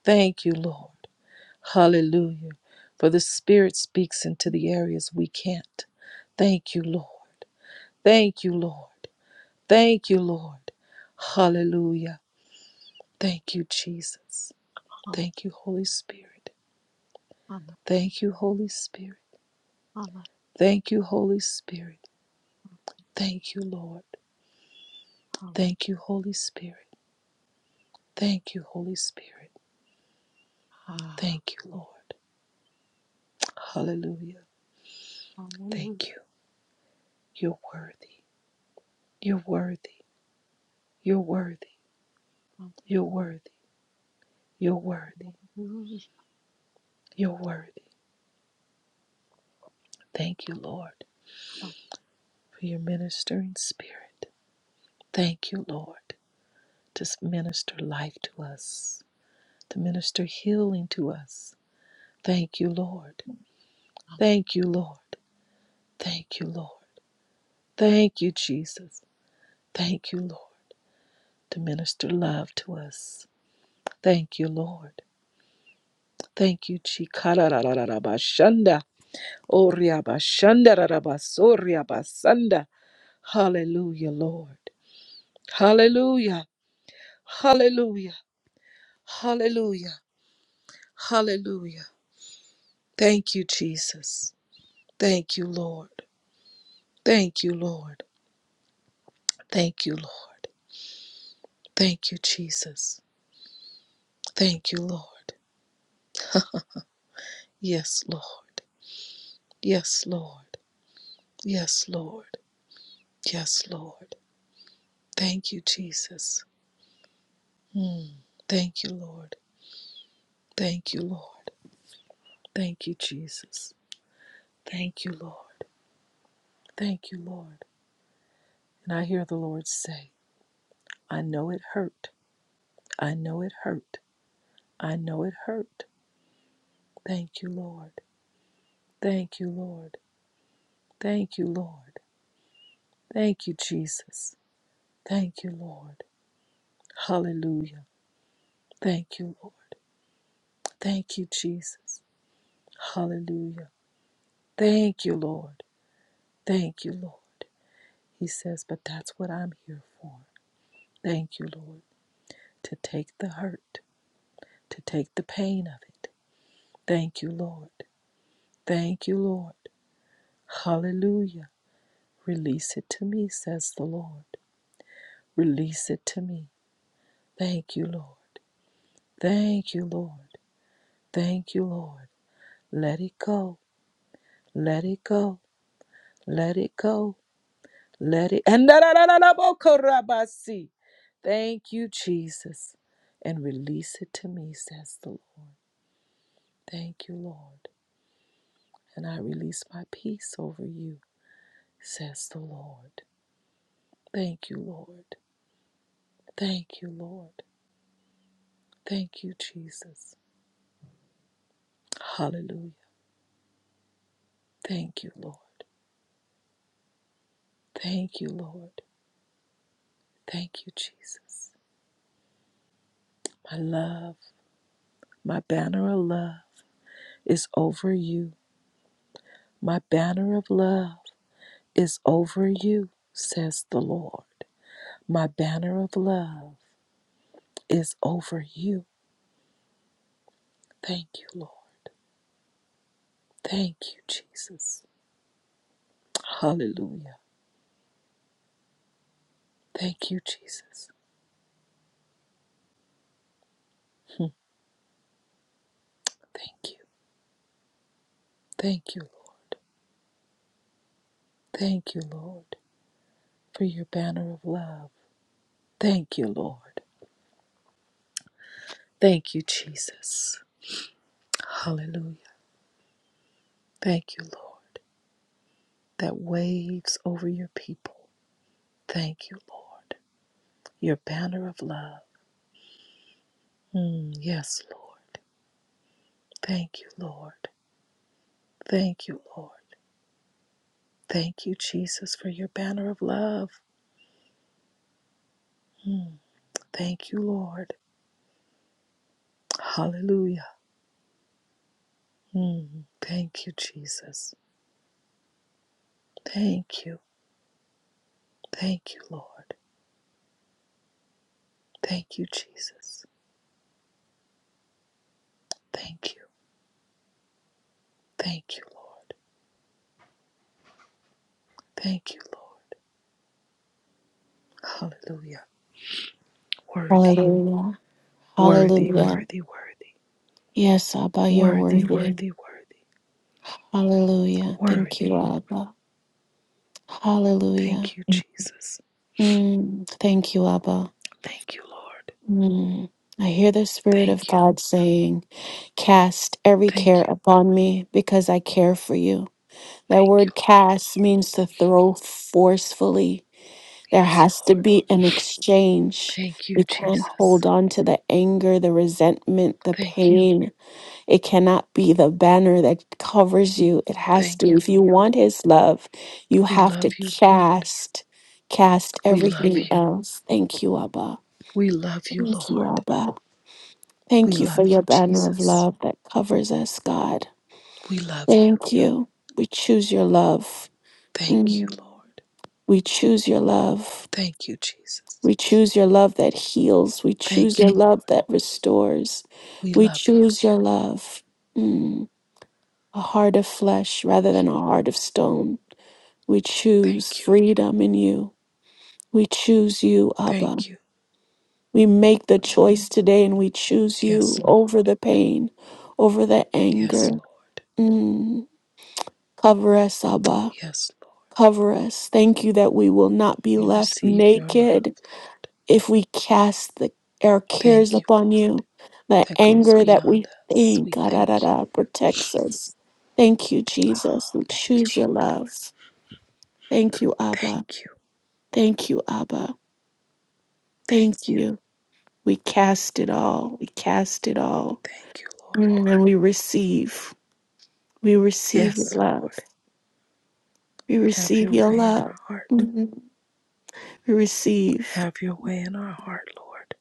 Speaker 1: Thank you, Lord. Hallelujah. For the Spirit speaks into the areas we can't. Thank you, Lord. Thank you, Lord. Thank you, Lord. Hallelujah. Thank you, Jesus.
Speaker 2: Holla,
Speaker 1: Thank you, Holy Spirit.
Speaker 2: holla,
Speaker 1: Thank you, Holy Spirit.
Speaker 2: holla,
Speaker 1: Thank you, Holy Spirit. Thank you, Lord.
Speaker 2: holla.
Speaker 1: Thank you, Holy Spirit. Thank you, Holy Spirit.
Speaker 2: Ah,
Speaker 1: Thank you, Lord. Hallelujah. Thank
Speaker 2: hallelujah,
Speaker 1: you. You're worthy. You're worthy. You're worthy. You're worthy. You're worthy.
Speaker 2: hallelujah,
Speaker 1: You're worthy. Thank you, Lord,
Speaker 2: hallelujah.
Speaker 1: for your ministering spirit. Thank you, Lord, to minister life to us, to minister healing to us. Thank you, Lord. Thank you, Lord. Thank you, Lord. Thank you, Jesus. Thank you, Lord, to minister love to us. Thank you, Lord. Thank you, Chikarararabashanda. Oriabashandararabasoriabasanda. Hallelujah, Lord. Hallelujah. Hallelujah. Hallelujah. Hallelujah. Thank you, Jesus. Thank you, Lord. Thank you, Lord. Thank you, Lord. Thank you, Jesus. Thank you, Lord. Yes, Lord. Yes, Lord. Yes, Lord. Yes, Lord. Thank you, Jesus. Mm. Thank you, Lord. Thank you, Lord. Thank you, Jesus. Thank you, Lord. Thank you, Lord. And I hear the Lord say, I know it hurt. I know it hurt. I know it hurt. Thank you, Lord. Thank you, Lord. Thank you, Lord. Thank you, Jesus. Thank you, Lord. Hallelujah. Thank you, Lord. Thank you, Jesus. Hallelujah. Thank you, Lord. Thank you, Lord. He says, but that's what I'm here for. Thank you, Lord, to take the hurt, to take the pain of it. Thank you, Lord. Thank you, Lord. Hallelujah. Release it to me, says the Lord. Release it to me. Thank you, Lord. Thank you, Lord. Thank you, Lord. Let it go. Let it go. Let it go. Let it. And da- da- da- da- da- bo- korabasi. Thank you, Jesus. And release it to me, says the Lord. Thank you, Lord. And I release my peace over you, says the Lord. Thank you, Lord. Thank you, Lord. Thank you, Jesus. Hallelujah. Thank you, Lord. Thank you, Lord. Thank you, Jesus. My love. My banner of love is over you. My banner of love is over you, says the Lord. My banner of love is over you. Thank you, Lord. Thank you, Jesus. Hallelujah. Thank you, Jesus. Thank you. Thank you, Lord. Thank you, Lord, for your banner of love. Thank you, Lord. Thank you, Jesus. Hallelujah. Thank you, Lord, that waves over your people. Thank you, Lord. your banner of love. Mm, yes, Lord. Thank you, Lord. Thank you, Lord. Thank you, Jesus, for your banner of love. Mm, thank you, Lord. Hallelujah. Mm, thank you, Jesus. Thank you. Thank you, Lord. Thank you, Jesus. Thank you. Thank you, Lord. Thank you, Lord. Hallelujah. Worthy,
Speaker 3: Hallelujah.
Speaker 1: worthy,
Speaker 3: Hallelujah.
Speaker 1: worthy, worthy,
Speaker 3: Yes, Abba, you're
Speaker 1: worthy,
Speaker 3: worthy.
Speaker 1: worthy, worthy,
Speaker 3: Hallelujah. Thank you,
Speaker 1: worthy.
Speaker 3: Abba. Hallelujah.
Speaker 1: Thank you, Jesus.
Speaker 3: Mm, thank you, Abba.
Speaker 1: Thank you, Lord.
Speaker 3: Mm. I hear the Spirit of
Speaker 1: Thank you,
Speaker 3: God saying, Cast every
Speaker 1: thank
Speaker 3: care
Speaker 1: you,
Speaker 3: upon me because I care for you. That
Speaker 1: thank you,
Speaker 3: word
Speaker 1: Lord.
Speaker 3: cast means to throw forcefully. There
Speaker 1: Yes,
Speaker 3: has to
Speaker 1: Lord.
Speaker 3: be an exchange.
Speaker 1: Thank you,
Speaker 3: You can't
Speaker 1: Jesus.
Speaker 3: hold on to the anger, the resentment, the
Speaker 1: Thank you,
Speaker 3: pain It cannot be the banner that covers you. It has
Speaker 1: thank
Speaker 3: to,
Speaker 1: you,
Speaker 3: if you
Speaker 1: Lord.
Speaker 3: want his love, you
Speaker 1: We
Speaker 3: have
Speaker 1: love
Speaker 3: to
Speaker 1: you, Lord.
Speaker 3: cast, cast
Speaker 1: We love
Speaker 3: everything
Speaker 1: you.
Speaker 3: else. Thank you, Abba.
Speaker 1: We love you,
Speaker 3: Thank you,
Speaker 1: Lord.
Speaker 3: Abba.
Speaker 1: We
Speaker 3: Thank you
Speaker 1: love
Speaker 3: for your
Speaker 1: you,
Speaker 3: banner of
Speaker 1: Jesus.
Speaker 3: love that covers us, God.
Speaker 1: We love you.
Speaker 3: Thank you. We choose your love.
Speaker 1: Thank you,
Speaker 3: Mm.
Speaker 1: Lord.
Speaker 3: We choose your love.
Speaker 1: Thank you, Jesus.
Speaker 3: We choose your love that heals. We choose
Speaker 1: Thank you,
Speaker 3: your
Speaker 1: Lord.
Speaker 3: love that restores.
Speaker 1: We
Speaker 3: We
Speaker 1: love you.
Speaker 3: choose your love. Mm. a heart of flesh rather than a heart of stone. We choose
Speaker 1: Thank you.
Speaker 3: freedom in you. We choose you, Abba.
Speaker 1: Thank you.
Speaker 3: We make the choice today and we choose
Speaker 1: Yes,
Speaker 3: you over
Speaker 1: Lord.
Speaker 3: the pain, over the
Speaker 1: Yes,
Speaker 3: anger.
Speaker 1: Lord.
Speaker 3: Mm. Cover us, Abba.
Speaker 1: Yes, Lord.
Speaker 3: Cover us. Thank you that we will not be
Speaker 1: We
Speaker 3: left
Speaker 1: receive your love,
Speaker 3: naked
Speaker 1: Lord.
Speaker 3: if we cast the, our cares
Speaker 1: Thank you,
Speaker 3: upon
Speaker 1: Lord.
Speaker 3: you. The
Speaker 1: that goes
Speaker 3: anger that
Speaker 1: beyond
Speaker 3: we
Speaker 1: us.
Speaker 3: think
Speaker 1: We
Speaker 3: ah, da, da,
Speaker 1: thank you.
Speaker 3: da, protects us. Thank you, Jesus. We
Speaker 1: Thank you,
Speaker 3: choose your
Speaker 1: Lord.
Speaker 3: love. Thank you, Abba.
Speaker 1: Thank you.
Speaker 3: Thank you, Abba. Thank
Speaker 1: Thank you.
Speaker 3: you. We cast it all. We cast it all.
Speaker 1: Thank you, Lord.
Speaker 3: Mm, And we receive. We receive your
Speaker 1: Yes,
Speaker 3: love.
Speaker 1: Lord.
Speaker 3: We
Speaker 1: Have your
Speaker 3: receive your
Speaker 1: way in
Speaker 3: love.
Speaker 1: our heart.
Speaker 3: Mm, We receive.
Speaker 1: Have your way in our heart, Lord.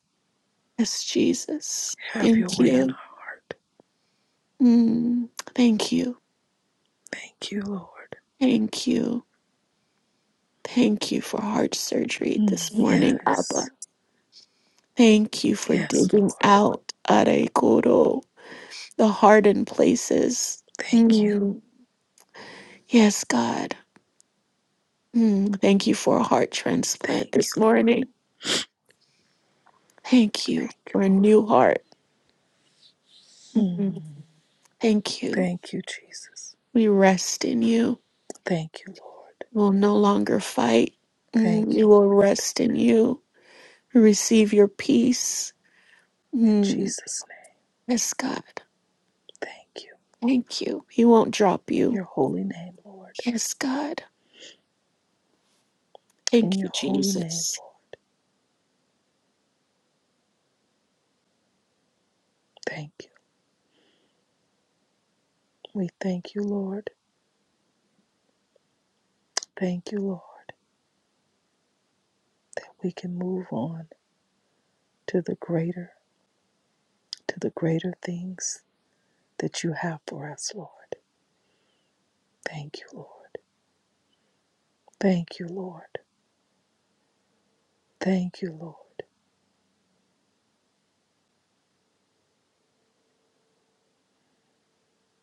Speaker 3: Yes, Jesus.
Speaker 1: Have your
Speaker 3: Thank
Speaker 1: way in our
Speaker 3: you.
Speaker 1: heart.
Speaker 3: Mm, Thank you.
Speaker 1: Thank you, Lord.
Speaker 3: Thank you. Thank you for heart surgery this
Speaker 1: Mm,
Speaker 3: morning,
Speaker 1: yes.
Speaker 3: Abba. Thank you for
Speaker 1: Yes,
Speaker 3: digging
Speaker 1: Lord.
Speaker 3: out Arekoro, the hardened places.
Speaker 1: Thank you.
Speaker 3: Mm. Yes, God. Mm, thank you for a heart transplant
Speaker 1: Thank you,
Speaker 3: this
Speaker 1: Lord.
Speaker 3: morning. Thank you
Speaker 1: Thank you,
Speaker 3: for a
Speaker 1: Lord.
Speaker 3: new heart. Mm, thank you.
Speaker 1: Thank you, Jesus.
Speaker 3: We rest in you.
Speaker 1: Thank you, Lord.
Speaker 3: We will no longer fight. Mm,
Speaker 1: Thank
Speaker 3: we
Speaker 1: you,
Speaker 3: will
Speaker 1: Lord.
Speaker 3: rest in you. We receive your peace.
Speaker 1: In
Speaker 3: Mm,
Speaker 1: Jesus' name.
Speaker 3: yes, God.
Speaker 1: Thank you.
Speaker 3: Thank you. He won't drop
Speaker 1: In
Speaker 3: you.
Speaker 1: your holy name, Lord.
Speaker 3: Yes, God.
Speaker 1: In
Speaker 3: Thank
Speaker 1: your
Speaker 3: you,
Speaker 1: holy name,
Speaker 3: Jesus.
Speaker 1: Lord. Thank you. We thank you, Lord. Thank you, Lord, that we can move on to the greater, to the greater things that you have for us, Lord. Thank you, Lord. Thank you, Lord. Thank you, Lord.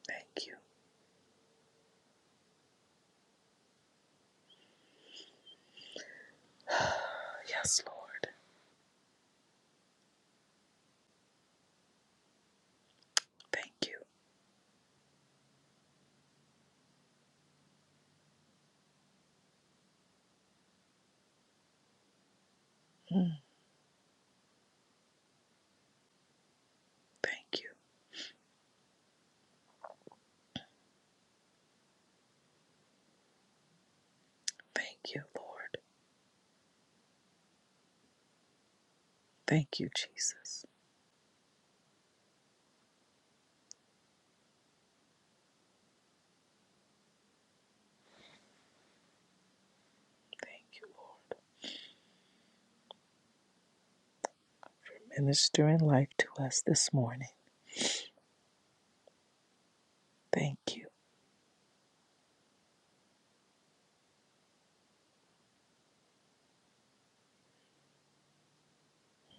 Speaker 1: Thank you. Yes, Lord. Thank you. Mm, Thank you. Thank you, Lord. Thank you, Jesus. Thank you, Lord. Ministering life to us this morning. Thank you.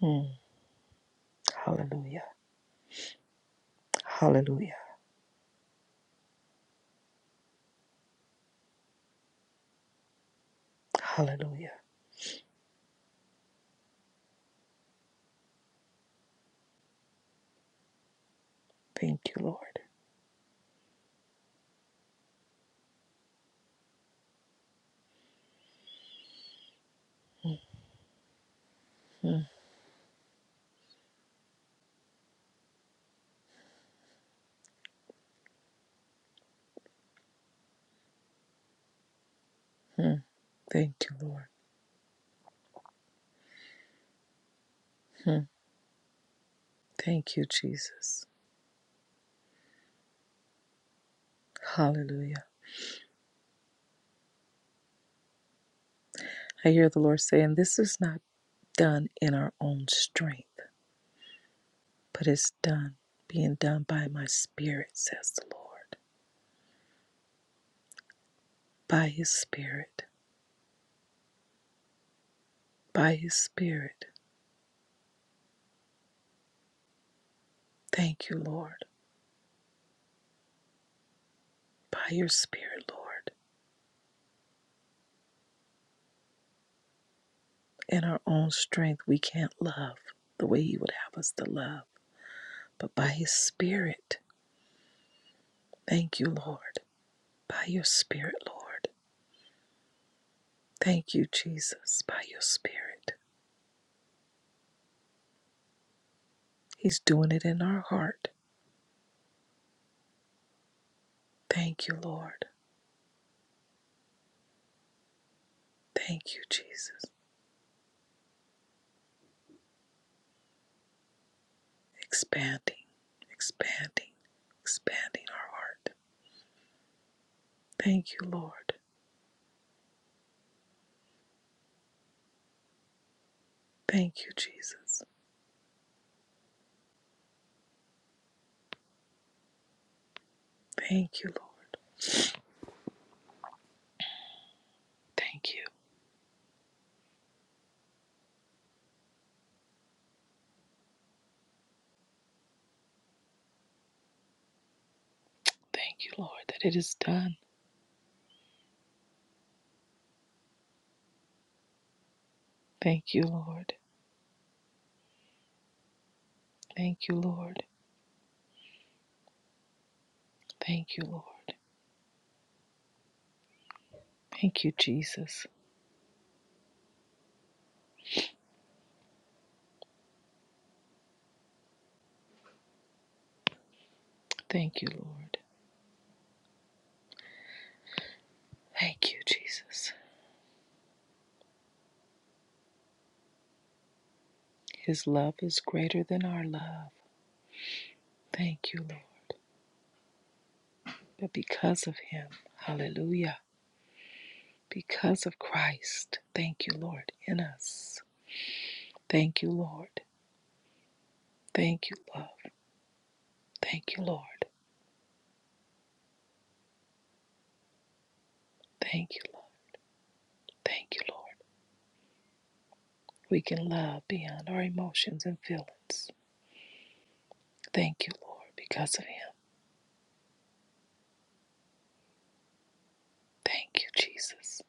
Speaker 1: Mm, Hallelujah. Hallelujah. Hallelujah. Thank you, Lord. hmm Thank you, Lord. Thank you, Jesus. Hallelujah. I hear the Lord saying, This is not done in our own strength, but it's done, being done by my spirit, says the Lord. By his spirit. By his spirit. Thank you, Lord. By your spirit, Lord. In our own strength, we can't love the way you would have us to love, but by his spirit. Thank you, Lord. By your spirit, Lord. Thank you, Jesus, by your Spirit. He's doing it in our heart. Thank you, Lord. Thank you, Jesus. Expanding, expanding, expanding our heart. Thank you, Lord. Thank you, Jesus. Thank you, Lord. Thank you. Thank you, Lord, that it is done. Thank you, Lord. Thank you, Lord. Thank you, Lord. Thank you, Jesus. Thank you, Lord. Thank you, Jesus. His love is greater than our love. Thank you, Lord. But because of him, hallelujah, because of Christ, thank you, Lord, in us. Thank you, Lord. Thank you, love. Thank you, Lord. Thank you, love. Thank you, Lord. We can love beyond our emotions and feelings. Thank you, Lord, because of him. Thank you, Jesus.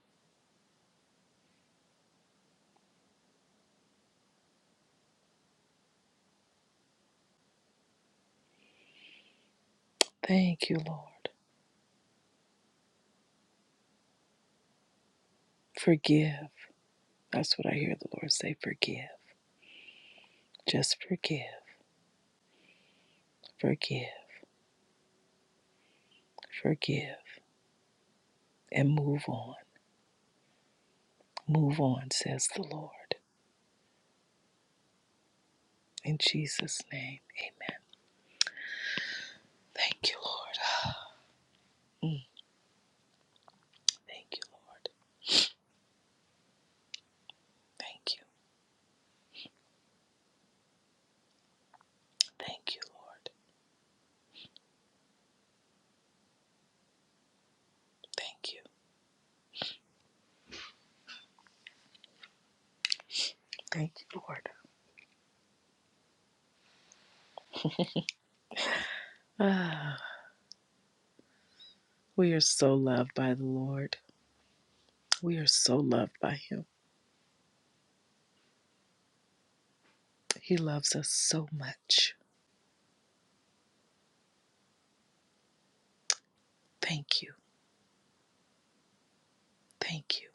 Speaker 1: Thank you, Lord. Forgive. That's what I hear the Lord say forgive. Just forgive, forgive, forgive, and move on. Move on, says the Lord. In Jesus' name, amen. Thank you, Lord. Mm. Thank you, Lord. Thank you. Thank you, Lord. Thank you. Thank you, Lord. Ah, we are so loved by the Lord. We are so loved by Him. He loves us so much. Thank you. Thank you.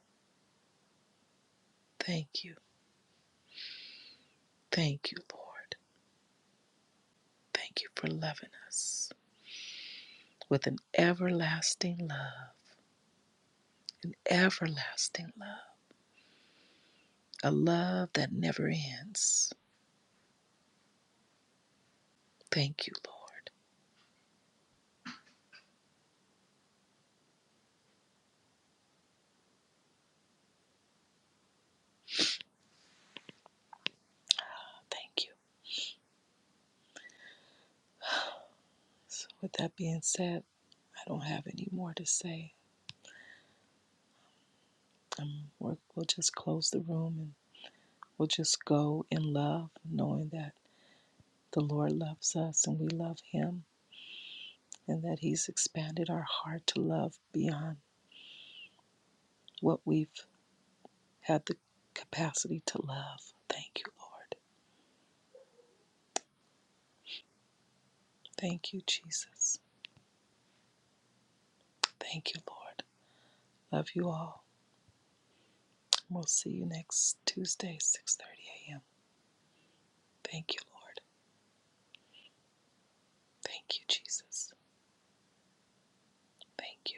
Speaker 1: Thank you. Thank you, Lord. Thank you for loving us with an everlasting love. Everlasting love. A love that never ends. Thank you, Lord. Thank you. So, with that being said, I don't have any more to say. Um, we're, we'll just close the room and we'll just go in love, knowing that the Lord loves us and we love Him, and that He's expanded our heart to love beyond what we've had the capacity to love. Thank you, Lord. Thank you, Jesus. Thank you, Lord. Love you all. We'll see you next Tuesday, 6:30 a.m. Thank you, Lord. Thank you, Jesus. Thank you.